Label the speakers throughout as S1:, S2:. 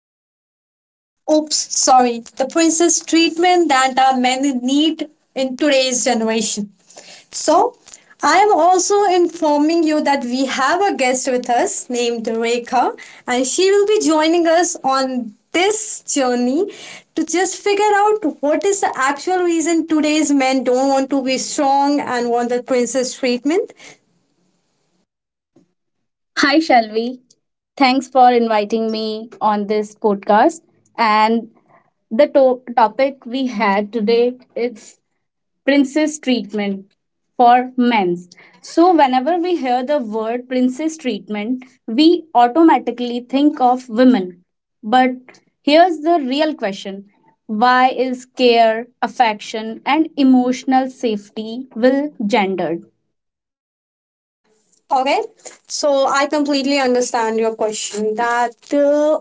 S1: Princess Men. Oops, sorry, the princess treatment that our men need in today's generation. So, I am also informing you that we have a guest with us named Rekha, and she will be joining us on this journey to just figure out what is the actual reason today's men don't want to be strong and want the princess treatment.
S2: Hi, Shalvi. Thanks for inviting me on this podcast. And the topic we had today is princess treatment for men's. So whenever we hear the word princess treatment, we automatically think of women. But here's the real question. Why is care, affection and emotional safety will gendered?
S1: Okay, so I completely understand your question that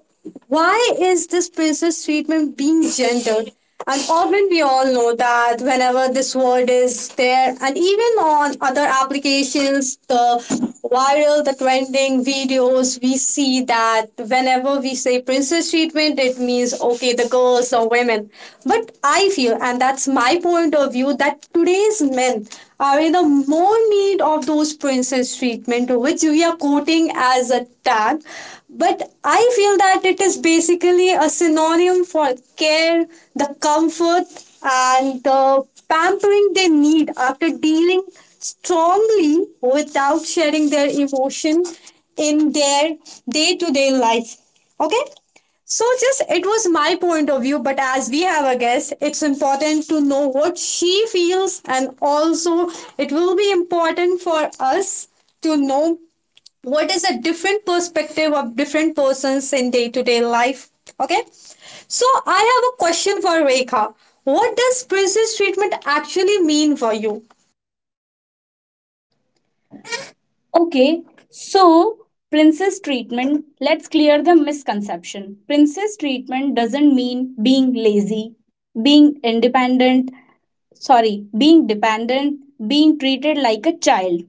S1: why is this princess treatment being gendered? And often we all know that whenever this word is there, and even on other applications, the viral, the trending videos, we see that whenever we say princess treatment, it means, okay, the girls or women. But I feel, and that's my point of view, that today's men are in a more need of those princess treatment which we are quoting as a tag, but I feel that it is basically a synonym for care, the comfort, and the pampering they need after dealing strongly without sharing their emotion in their day-to-day life. Okay, so, just it was my point of view, but as we have a guest, it's important to know what she feels, and also it will be important for us to know what is a different perspective of different persons in day to day life. Okay, so I have a question for Rekha. What does princess treatment actually mean for you?
S2: Okay, so princess treatment, let's clear the misconception. Princess treatment doesn't mean being lazy, being independent, sorry, being dependent, being treated like a child.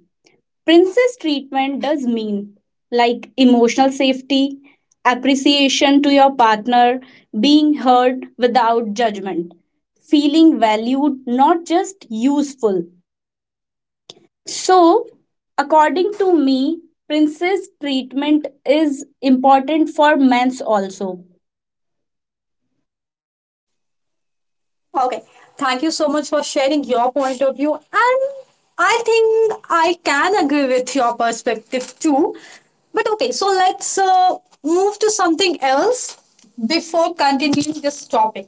S2: Princess treatment does mean like emotional safety, appreciation to your partner, being heard without judgment, feeling valued, not just useful. So, according to me, princess treatment is important for men's also.
S1: Okay. Thank you so much for sharing your point of view. And I think I can agree with your perspective too. But okay, so let's move to something else before continuing this topic.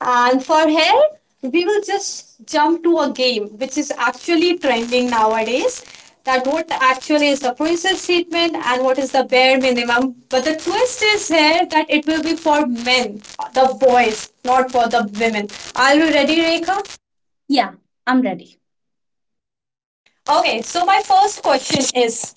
S1: And for here, we will just jump to a game which is actually trending nowadays, that what actually is the princess treatment and what is the bare minimum. But the twist is here that it will be for men, the boys, not for the women. Are you ready, Rekha?
S2: Yeah, I'm ready.
S1: Okay, so my first question is.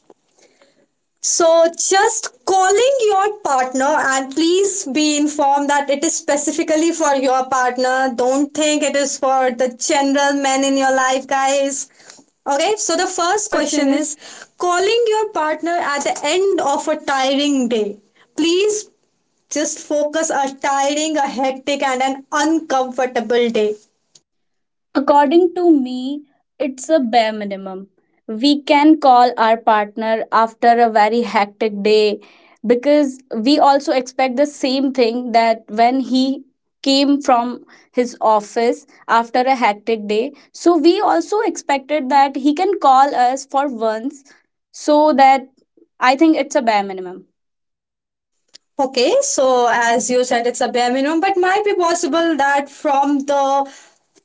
S1: So, just calling your partner, and please be informed that it is specifically for your partner. Don't think it is for the general men in your life, guys. Okay, so
S2: The
S1: the
S2: first
S1: first
S2: question
S1: question
S2: is
S1: is calling your partner at the end of a tiring day. Please just focus a tiring, a hectic, and an uncomfortable day.
S2: according to me, it's a bare minimum. We can call our partner after a very hectic day because we also expect the same thing that when he came from his office after a hectic day. So we also expected that he can call us for once so that I think it's a bare minimum.
S1: Okay, so as you said, it's a bare minimum, but might be possible that from the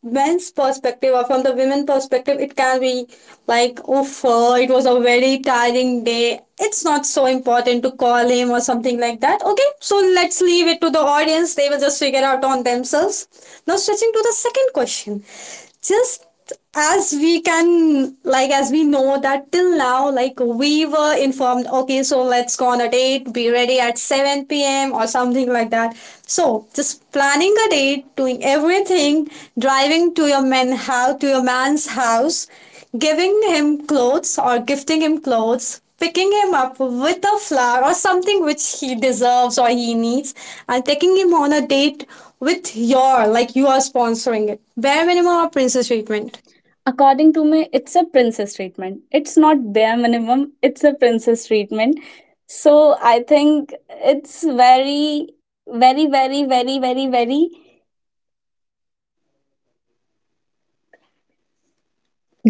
S1: men's perspective or from the women perspective, it can be like, oof, it was a very tiring day. It's not so important to call him or something like that. Okay, so let's leave it to the audience. They will just figure out on themselves. Now, switching to the second question. Just, as we can, like, as we know that till now, like, we were informed, okay, so let's go on a date, be ready at 7 p.m. or something like that. So, just planning a date, doing everything, driving to your man's house, giving him clothes or gifting him clothes, picking him up with a flower or something which he deserves or he needs, and taking him on a date with your, like, you are sponsoring it. Bare minimum or princess treatment?
S2: According to me, it's a princess treatment, it's not bare minimum, it's a princess treatment. So I think it's very, very, very, very, very, very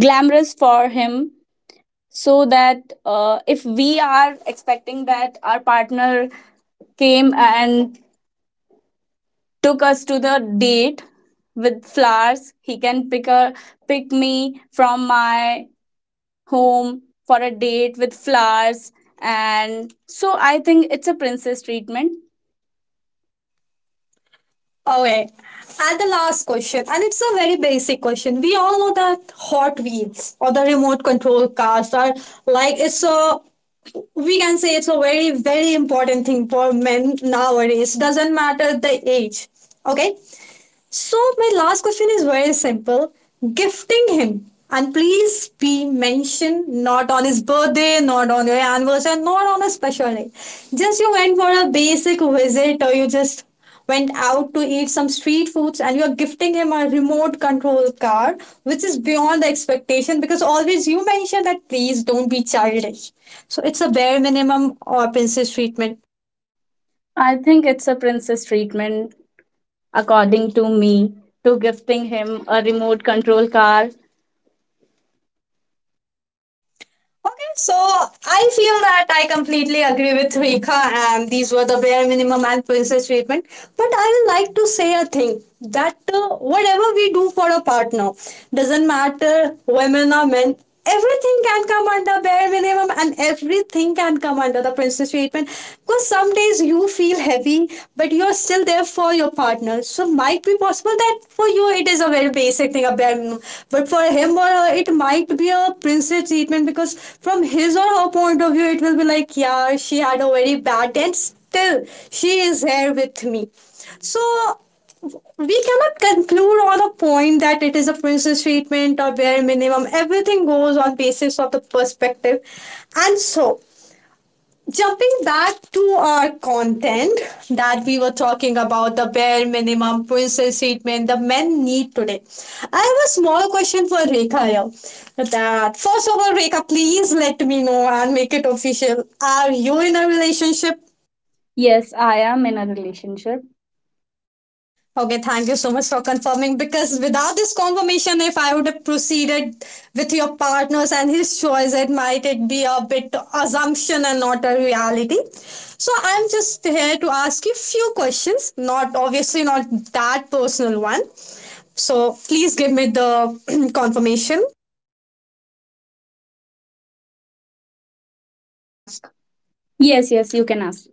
S2: glamorous for him. So that if we are expecting that our partner came and took us to the date with flowers, he can pick me from my home for a date with flowers. And so I think it's a princess treatment.
S1: Okay. And the last question, and it's a very basic question. We all know that Hot Wheels or the remote control cars are, like, it's a we can say it's a very very important thing for men nowadays. Doesn't matter the age. Okay. So, my last question is very simple, gifting him. And please be mentioned, not on his birthday, not on your anniversary, not on a special day. Just you went for a basic visit, or you just went out to eat some street foods, and you are gifting him a remote control car which is beyond the expectation, because always you mention that please don't be childish. So it's a bare minimum or princess treatment?
S2: I think it's a princess treatment, according to me, to gifting him a remote control car.
S1: Okay, so I feel that I completely agree with Rika, and these were the bare minimum and princess treatment. But I will like to say a thing that whatever we do for a partner, doesn't matter women or men, everything can come under bare minimum and everything can come under the princess treatment. Because some days you feel heavy, but you're still there for your partner. So might be possible that for you it is a very basic thing, a bare minimum. But for him or her, it might be a princess treatment, because from his or her point of view, it will be like, yeah, she had a very bad day and still she is here with me. So we cannot conclude on a point that it is a princess treatment or bare minimum. Everything goes on basis of the perspective. And so, jumping back to our content that we were talking about, the bare minimum princess treatment the men need today, I have a small question for Rekha here, that first of all, Rekha, please let me know and make it official, are you in a relationship?
S2: Yes, I am in a relationship.
S1: Okay, thank you so much for confirming, because without this confirmation, if I would have proceeded with your partners and his choice, it might it be a bit assumption and not a reality. So I'm just here to ask you few questions, not obviously not that personal one. So please give me the confirmation.
S2: Can ask. Yes, yes, you can ask.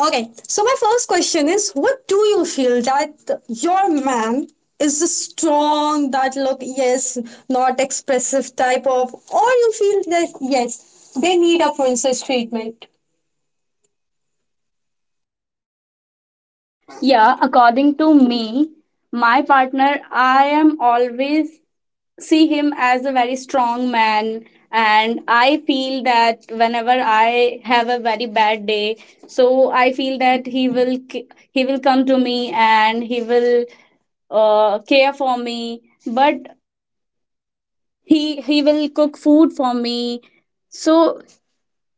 S1: Okay, so my first question is, what do you feel, that your man is the strong, that look, yes, not expressive type of, or you feel that, yes, they need a princess treatment?
S2: Yeah, according to me, my partner, I am always see him as a very strong man, and I feel that whenever I have a very bad day, so I feel that he will come to me and he will care for me, but he will cook food for me. So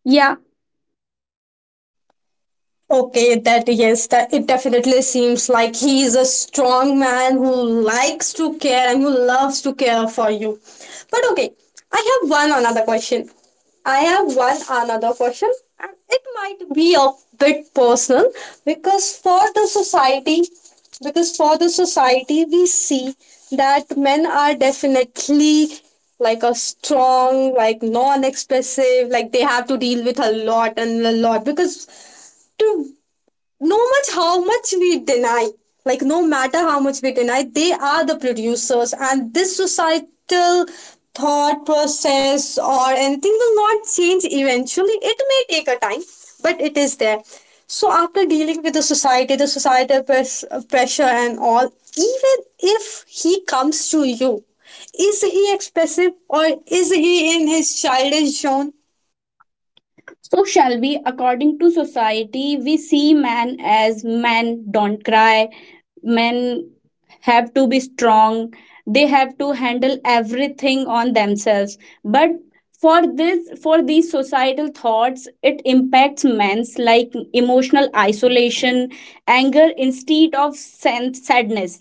S2: yeah.
S1: Okay, that yes, that it definitely seems like he is a strong man who likes to care and who loves to care for you. But okay, I have one another question. I have one another question, and it might be a bit personal, because for the society, we see that men are definitely like a strong, like non expressive, like they have to deal with a lot and a lot, because to no much how much we deny like no matter how much we deny, they are the producers, and this societal thought process or anything will not change, eventually it may take a time, but it is there. So after dealing with the society, the societal pressure and all, even if he comes to you, is he expressive or is he in his childish zone?
S2: So shall we? According to society, we see man as men don't cry, men have to be strong, they have to handle everything on themselves. But for these societal thoughts, it impacts men's like emotional isolation, anger instead of sadness,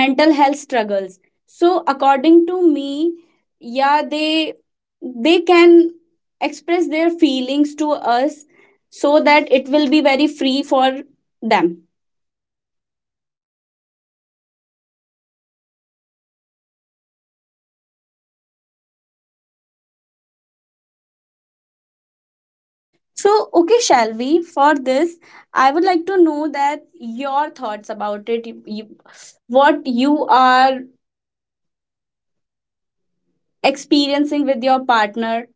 S2: mental health struggles. So according to me, yeah, they can express their feelings to us so that it will be very free for them. So, okay, shall we? For this, I would like to know that your thoughts about it. What you are experiencing with your partner.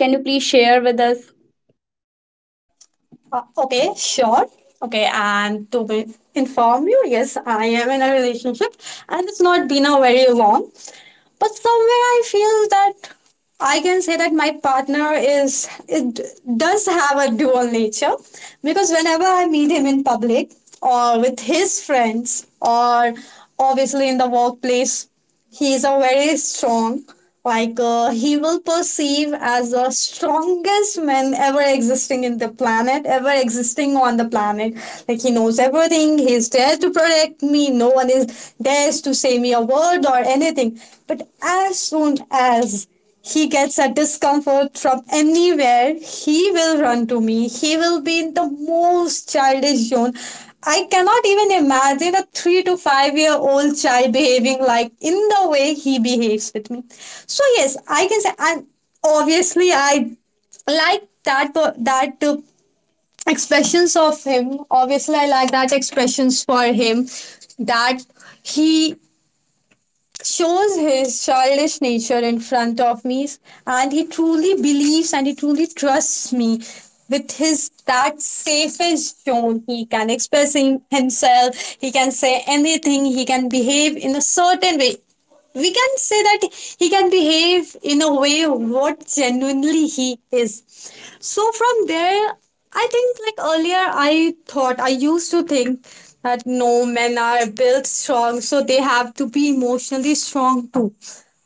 S2: Can you please share with us?
S1: Okay, sure. Okay, and to be, inform you, yes, I am in a relationship, and it's not been a very long. But somewhere I feel that I can say that my partner is, it does have a dual nature, because whenever I meet him in public or with his friends, or obviously in the workplace, he is a very strong, like he will perceive as the strongest man ever existing on the planet, like he knows everything, he's there to protect me, no one is dares to say me a word or anything. But as soon as he gets a discomfort from anywhere, he will run to me. He will be in the most childish zone. I cannot even imagine a 3 to 5 year old child behaving like in the way he behaves with me. So yes, I can say, I'm obviously I like that expressions of him. Obviously, I like that expressions for him, that he shows his childish nature in front of me, and he truly believes and he truly trusts me with his that safest tone, he can express himself. He can say anything, he can behave in a certain way, we can say that he can behave in a way what genuinely he is. So from there, I think like earlier I thought I used to think that no, men are built strong, so they have to be emotionally strong too.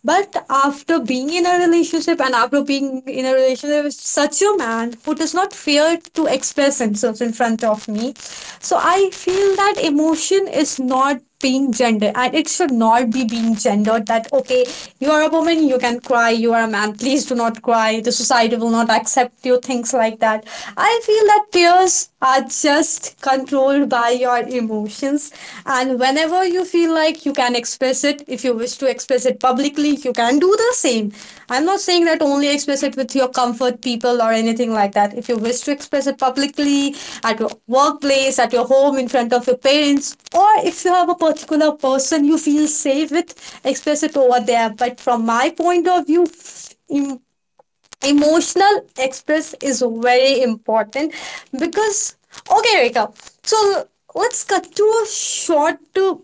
S1: But after being in a relationship with such a man who does not fear to express himself in front of me, so I feel that emotion is not being gendered, and it should not be being gendered, that okay, you are a woman you can cry, you are a man please do not cry, the society will not accept you, things like that. I feel that tears are just controlled by your emotions, and whenever you feel like, you can express it. If you wish to express it publicly, you can do the same. I'm not saying that only express it with your comfort people or anything like that. If you wish to express it publicly, at your workplace, at your home, in front of your parents, or if you have a particular person you feel safe with, express it over there. But from my point of view, emotional express is very important. Because, okay, Rekha. So let's cut to a short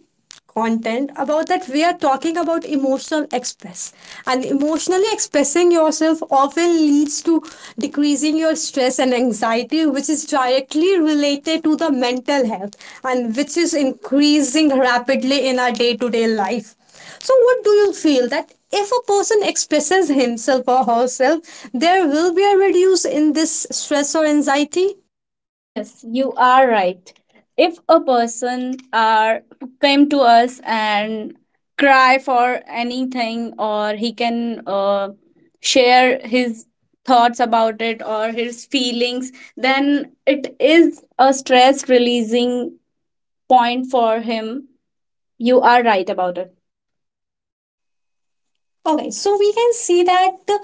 S1: content about that we are talking about emotional express, and emotionally expressing yourself often leads to decreasing your stress and anxiety, which is directly related to the mental health and which is increasing rapidly in our day-to-day life. So, what do you feel that if a person expresses himself or herself, there will be a reduce in this stress or anxiety?
S2: Yes, you are right. If a person are came to us and cry for anything, or he can share his thoughts about it or his feelings, then it is a stress releasing point for him. You are right about it.
S1: Okay, so we can see that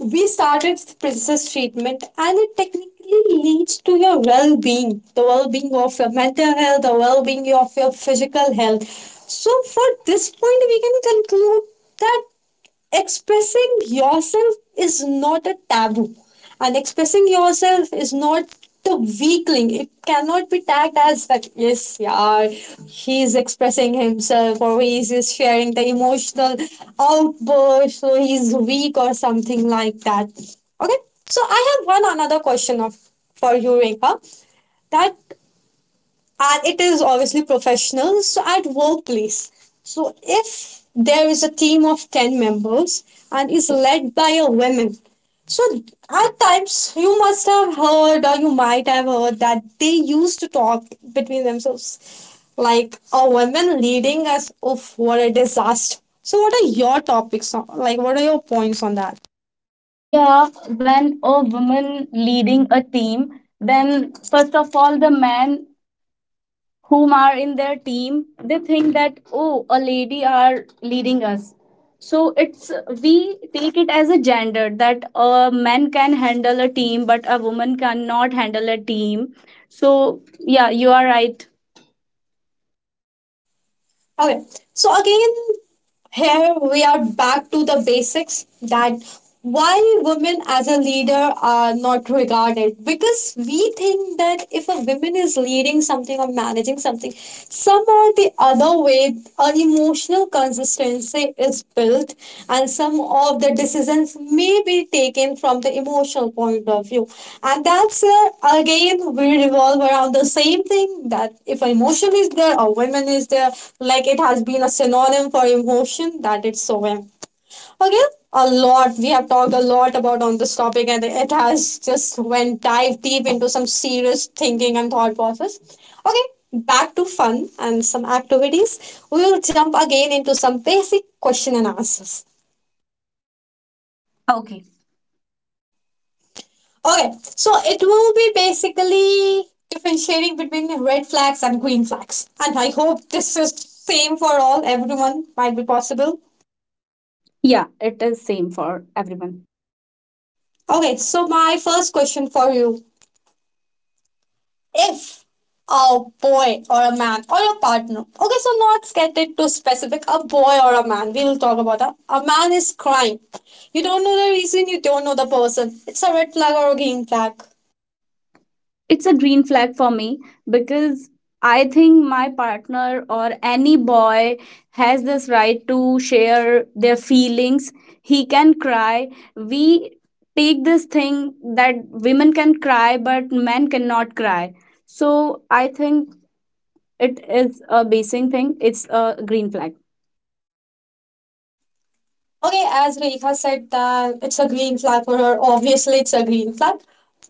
S1: we started princess treatment and it technically leads to your well being, the well being of your mental health, the well being of your physical health. So, for this point, we can conclude that expressing yourself is not a taboo, and expressing yourself is not the weakling. It cannot be tagged as that, yes, yeah, he is expressing himself or he is just sharing the emotional outburst, so he's weak or something like that. Okay, so I have one another question of for you, Rekha, that, and it is obviously professional, so at workplace. So if there is a team of 10 members and is led by a woman, so at times you must have heard or you might have heard that they used to talk between themselves like, a woman leading us, of what a disaster. So what are your topics on, like, what are your points on that?
S2: Yeah, when a woman leading a team, then first of all, the men whom are in their team, they think that, oh, a lady are leading us. So it's we take it as a gender that a man can handle a team, but a woman cannot handle a team. So yeah, you are right.
S1: Okay, so again, here we are back to the basics that why women as a leader are not regarded, because we think that if a woman is leading something or managing something, some or the other way an emotional consistency is built and some of the decisions may be taken from the emotional point of view. And that's again, we revolve around the same thing that if emotion is there or women is there, like, it has been a synonym for emotion that it's so women. Okay, a lot. We have talked a lot about on this topic, and it has just went dive deep into some serious thinking and thought process. Okay, back to fun and some activities. We will jump again into some basic question and answers.
S2: Okay.
S1: Okay, so it will be basically differentiating between red flags and green flags, and I hope this is same for all, everyone might be possible.
S2: Yeah, it is same for everyone.
S1: Okay, so my first question for you, if a boy or a man or a partner. Okay, so not get it too specific. A boy or a man. We will talk about that. A man is crying. You don't know the reason. You don't know the person. It's a red flag or a green flag.
S2: It's a green flag for me because I think my partner or any boy has this right to share their feelings. He can cry. We take this thing that women can cry, but men cannot cry. So I think it is a basic thing. It's a green flag.
S1: Okay, as Rekha said that it's a green flag for her. Obviously, it's a green flag.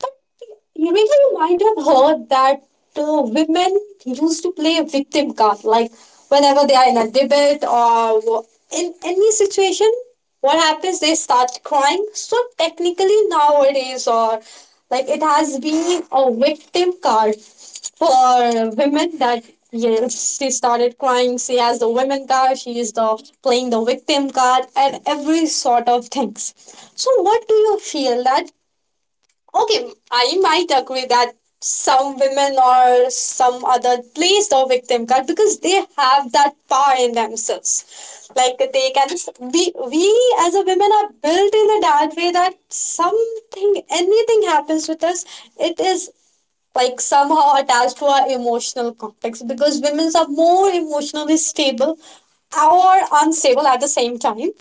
S1: But Rekha, you really might have heard that women used to play a victim card. Like, whenever they are in a debate or in any situation, what happens, they start crying. So technically nowadays, or like, it has been a victim card for women that yes, she started crying, she has the women card, she is the playing the victim card and every sort of things. So what do you feel that. Okay, I might agree that some women or some other plays the victim card because they have that power in themselves. Like, they can, we as a women are built in a that way that something, anything happens with us, it is, like, somehow attached to our emotional context, because women are more emotionally stable or unstable at the same time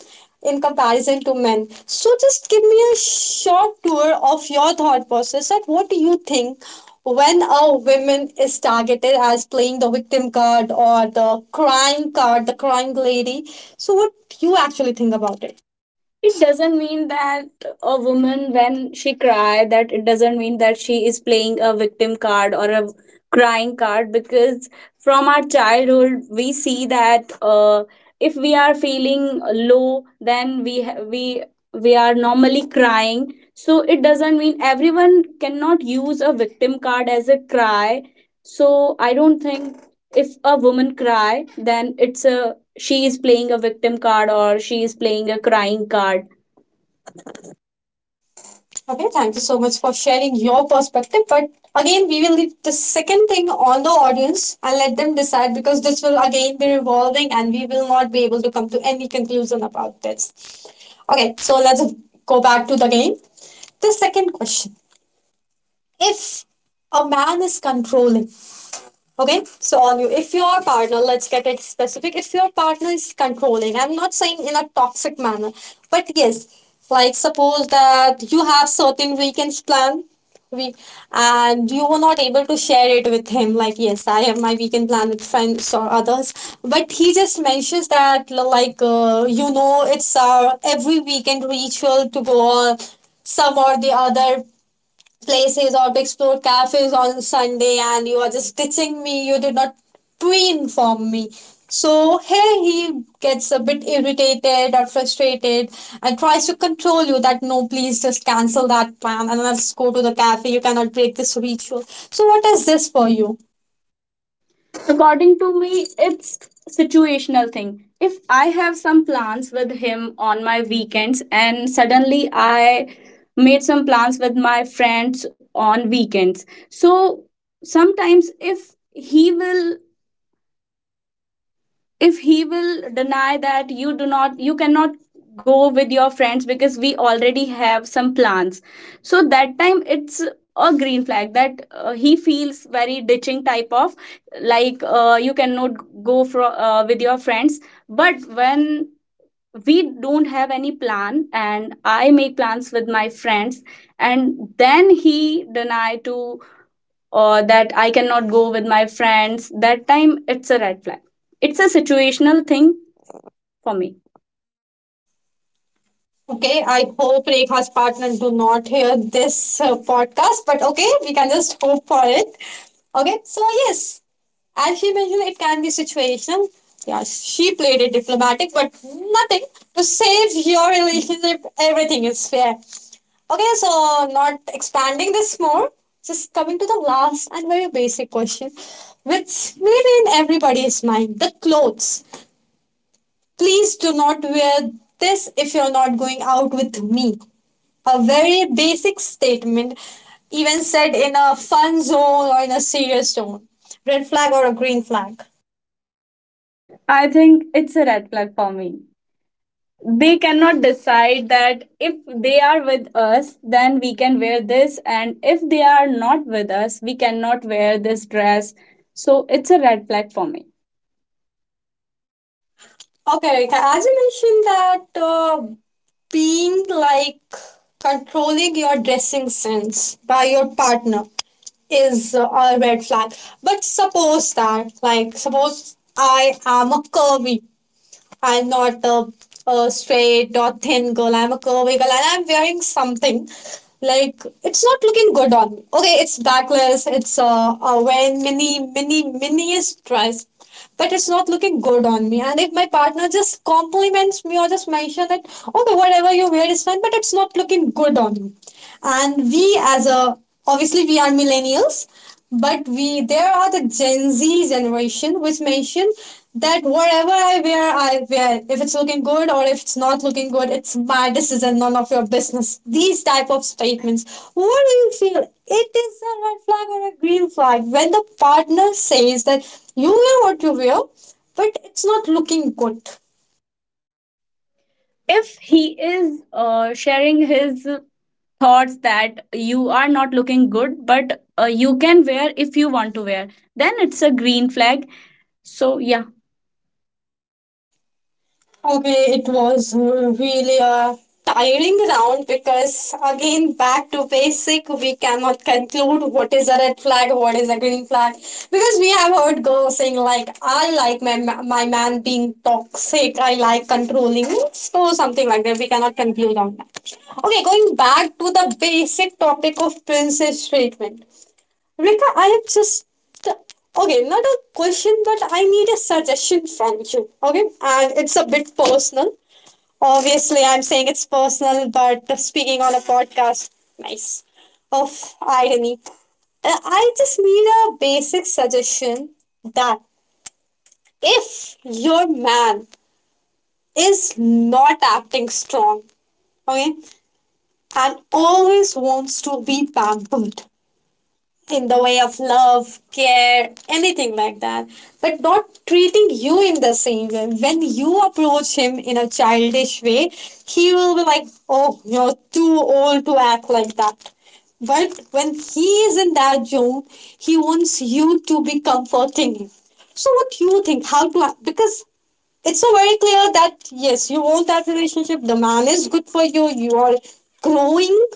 S1: in comparison to men. So just give me a short tour of your thought process, that what do you think when a woman is targeted as playing the victim card or the crying card, the crying lady. So what you actually think about it?
S2: It doesn't mean that a woman when she cry, that it doesn't mean that she is playing a victim card or a crying card. Because from our childhood, we see that if we are feeling low, then we are normally crying. So it doesn't mean everyone cannot use a victim card as a cry. So I don't think if a woman cry, then it's a she is playing a victim card or she is playing a crying card.
S1: Okay, thank you so much for sharing your perspective. But again, we will leave the second thing on the audience and let them decide, because this will again be revolving and we will not be able to come to any conclusion about this. Okay, so let's go back to the game. The second question. If a man is controlling, okay, so on you, if your partner, let's get it specific, if your partner is controlling, I'm not saying in a toxic manner, but yes, like suppose that you have certain weekends plan, week, and you were not able to share it with him. Like, yes, I have my weekend plan with friends or others, but he just mentions that like, you know it's our every weekend ritual to go on some or the other places or to explore cafes on Sunday, and you are just ditching me. You did not pre-inform me. So here he gets a bit irritated or frustrated and tries to control you that, no, please just cancel that plan and let's go to the cafe. You cannot break this ritual. So what is this for you?
S2: According to me, it's situational thing. If I have some plans with him on my weekends and suddenly I made some plans with my friends on weekends, so sometimes if he will deny that you do not you cannot go with your friends because we already have some plans, so that time it's a green flag that he feels very ditching type of, like you cannot go for with your friends. But when we don't have any plan and I make plans with my friends, and then he deny to that I cannot go with my friends, that time it's a red flag. It's a situational thing for me.
S1: Okay, I hope Rekha's partner do not hear this podcast, but okay, we can just hope for it. Okay, so yes, as she mentioned, it can be situational. Yeah, she played it diplomatic, but nothing to save your relationship. Everything is fair. Okay, so not expanding this more, just coming to the last and very basic question, which maybe in everybody's mind, the clothes. Please do not wear this if you're not going out with me. A very basic statement, even said in a fun zone or in a serious tone. Red flag or a green flag.
S2: I think it's a red flag for me. They cannot decide that if they are with us, then we can wear this, and if they are not with us, we cannot wear this dress. So it's a red flag for me.
S1: Okay, as you mentioned that being like controlling your dressing sense by your partner is a red flag. But suppose that, like, suppose I am a curvy, I'm not a, a straight or thin girl. I'm a curvy girl, and I'm wearing something, like, it's not looking good on me. Okay, it's backless. It's wearing mini, mini, miniest dress, but it's not looking good on me. And if my partner just compliments me or just mention that, okay, whatever you wear is fine, but it's not looking good on you. And we as a, obviously we are millennials, but we, there are the gen z generation which mention that whatever I wear, I wear, if it's looking good or if it's not looking good, it's my decision, none of your business, these type of statements. What do you feel, it is a red flag or a green flag when the partner says that you wear what you wear, but it's not looking good?
S2: If he is sharing his thoughts that you are not looking good, but you can wear if you want to wear, then it's a green flag. So, yeah.
S1: Okay, it was really a tiring round, because again, back to basic, we cannot conclude what is a red flag, what is a green flag, because we have heard girls saying like, I like my my man being toxic, I like controlling, so something like that we cannot conclude on that. Okay, going back to the basic topic of princess treatment. Rika, I have just, okay, not a question, but I need a suggestion from you. Okay, and it's a bit personal. Obviously, I'm saying it's personal, but speaking on a podcast, nice of irony. I just need a basic suggestion that if your man is not acting strong, okay, and always wants to be pampered, in the way of love, care, anything like that, but not treating you in the same way. When you approach him in a childish way, he will be like, oh, you're too old to act like that. But when he is in that zone, he wants you to be comforting him. So, what do you think? How to, because it's so very clear that yes, you want that relationship, the man is good for you, you are growing,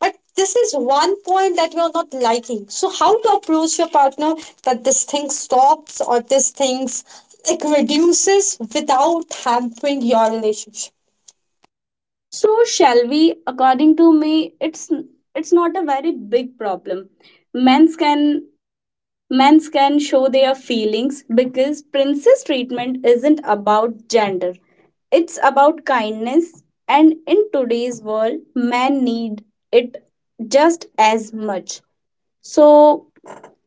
S1: but this is one point that you're not liking. So how to approach your partner that this thing stops or this things, like, reduces without hampering your relationship.
S2: So, shall we? According to me, it's not a very big problem. Men's can men's can show their feelings because princess treatment isn't about gender. It's about kindness, and in today's world, men need it just as much. So,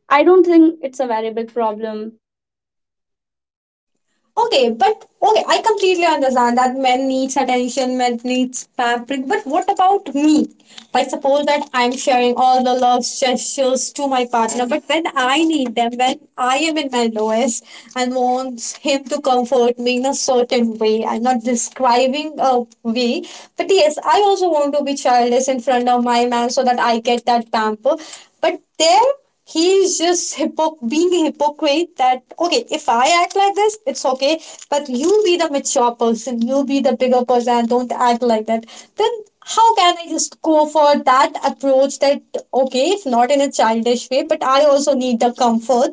S2: I don't think it's a very big problem.
S1: Okay, but okay, I completely understand that men needs attention, men needs pampering. But what about me? Like, suppose that I'm sharing all the love gestures to my partner, but when I need them, when I am in my lowest and wants him to comfort me in a certain way, I'm not describing a way, but yes, I also want to be childish in front of my man so that I get that pamper. But there he's just being a hypocrite that, okay, if I act like this, it's okay, but you be the mature person, you be the bigger person and don't act like that. Then how can I just go for that approach that, okay, if not in a childish way, but I also need the comfort,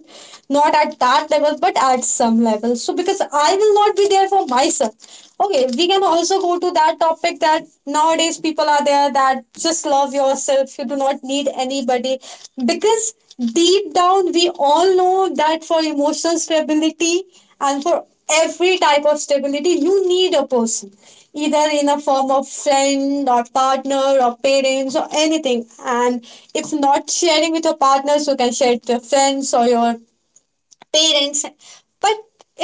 S1: not at that level but at some level. So because I will not be there for myself, okay, we can also go to that topic that nowadays people are there that just love yourself. You do not need anybody. Because deep down, we all know that for emotional stability and for every type of stability, you need a person, either in a form of friend or partner or parents or anything. And if not sharing with your partners, you can share it with your friends or your parents. But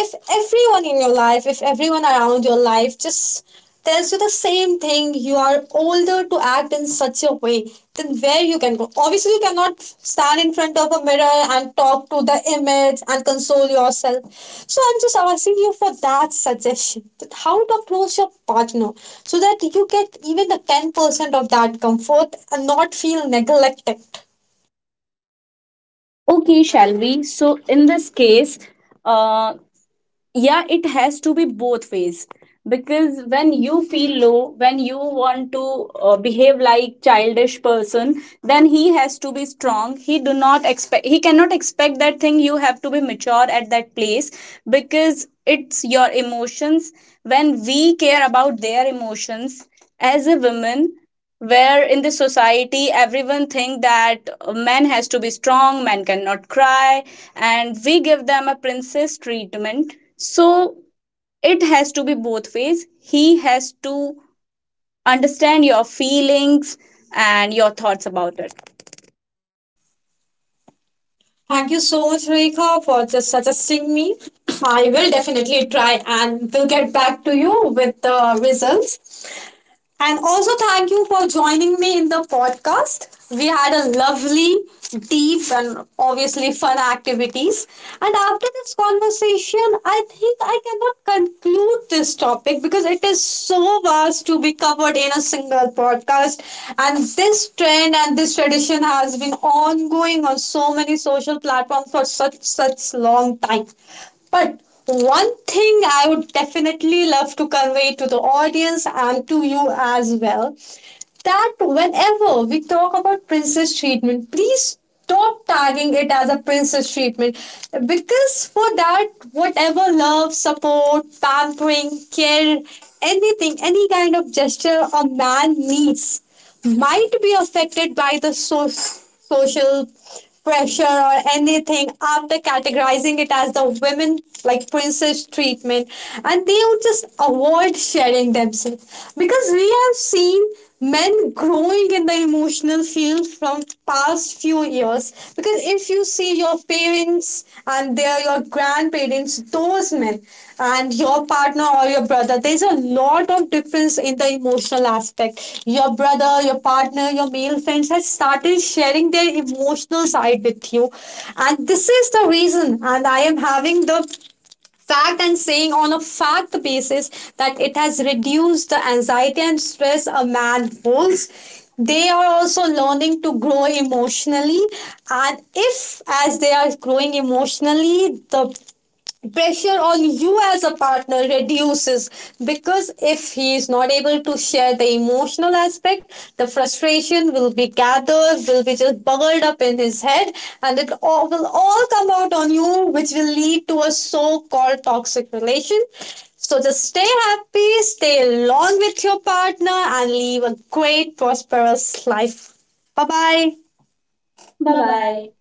S1: if everyone in your life, if everyone around your life just tells you the same thing, you are older to act in such a way, then where you can go? Obviously, you cannot stand in front of a mirror and talk to the image and console yourself. So I'm just asking you for that suggestion that how to approach your partner so that you get even the 10% of that comfort and not feel neglected.
S2: Okay, shall we? So, in this case, uh, yeah, it has to be both ways. Because when you feel low, when you want to behave like childish person, then he has to be strong. He cannot expect that thing, you have to be mature at that place. Because it's your emotions. When we care about their emotions as a woman, where in this society everyone think that man has to be strong, man cannot cry, and we give them a princess treatment. So it has to be both ways. He has to understand your feelings and your thoughts about it.
S1: Thank you so much, Rekha, for just suggesting me. I will definitely try and will get back to you with the results. And also, thank you for joining me in the podcast. We had a lovely, deep, and obviously fun activities. And after this conversation, I think I cannot conclude this topic because it is so vast to be covered in a single podcast. And this trend and this tradition has been ongoing on so many social platforms for such such long time. But one thing I would definitely love to convey to the audience and to you as well, that whenever we talk about princess treatment, please stop tagging it as a princess treatment, because for that whatever love, support, pampering, care, anything, any kind of gesture a man needs might be affected by the social pressure or anything after categorizing it as the women, like, princess treatment, and they would just avoid sharing themselves. Because we have seen men growing in the emotional field from past few years, because if you see your parents and their, your grandparents, those men, and your partner or your brother, there's a lot of difference in the emotional aspect. Your brother, your partner, your male friends has started sharing their emotional side with you, and this is the reason, and I am having the fact and saying on a fact basis that it has reduced the anxiety and stress a man holds. They are also learning to grow emotionally, and if, as they are growing emotionally, the pressure on you as a partner reduces, because if he is not able to share the emotional aspect, the frustration will be gathered, will be just bubbled up in his head, and it all will all come out on you, which will lead to a so-called toxic relation. So just stay happy, stay long with your partner, and live a great prosperous life. Bye bye.
S2: Bye bye.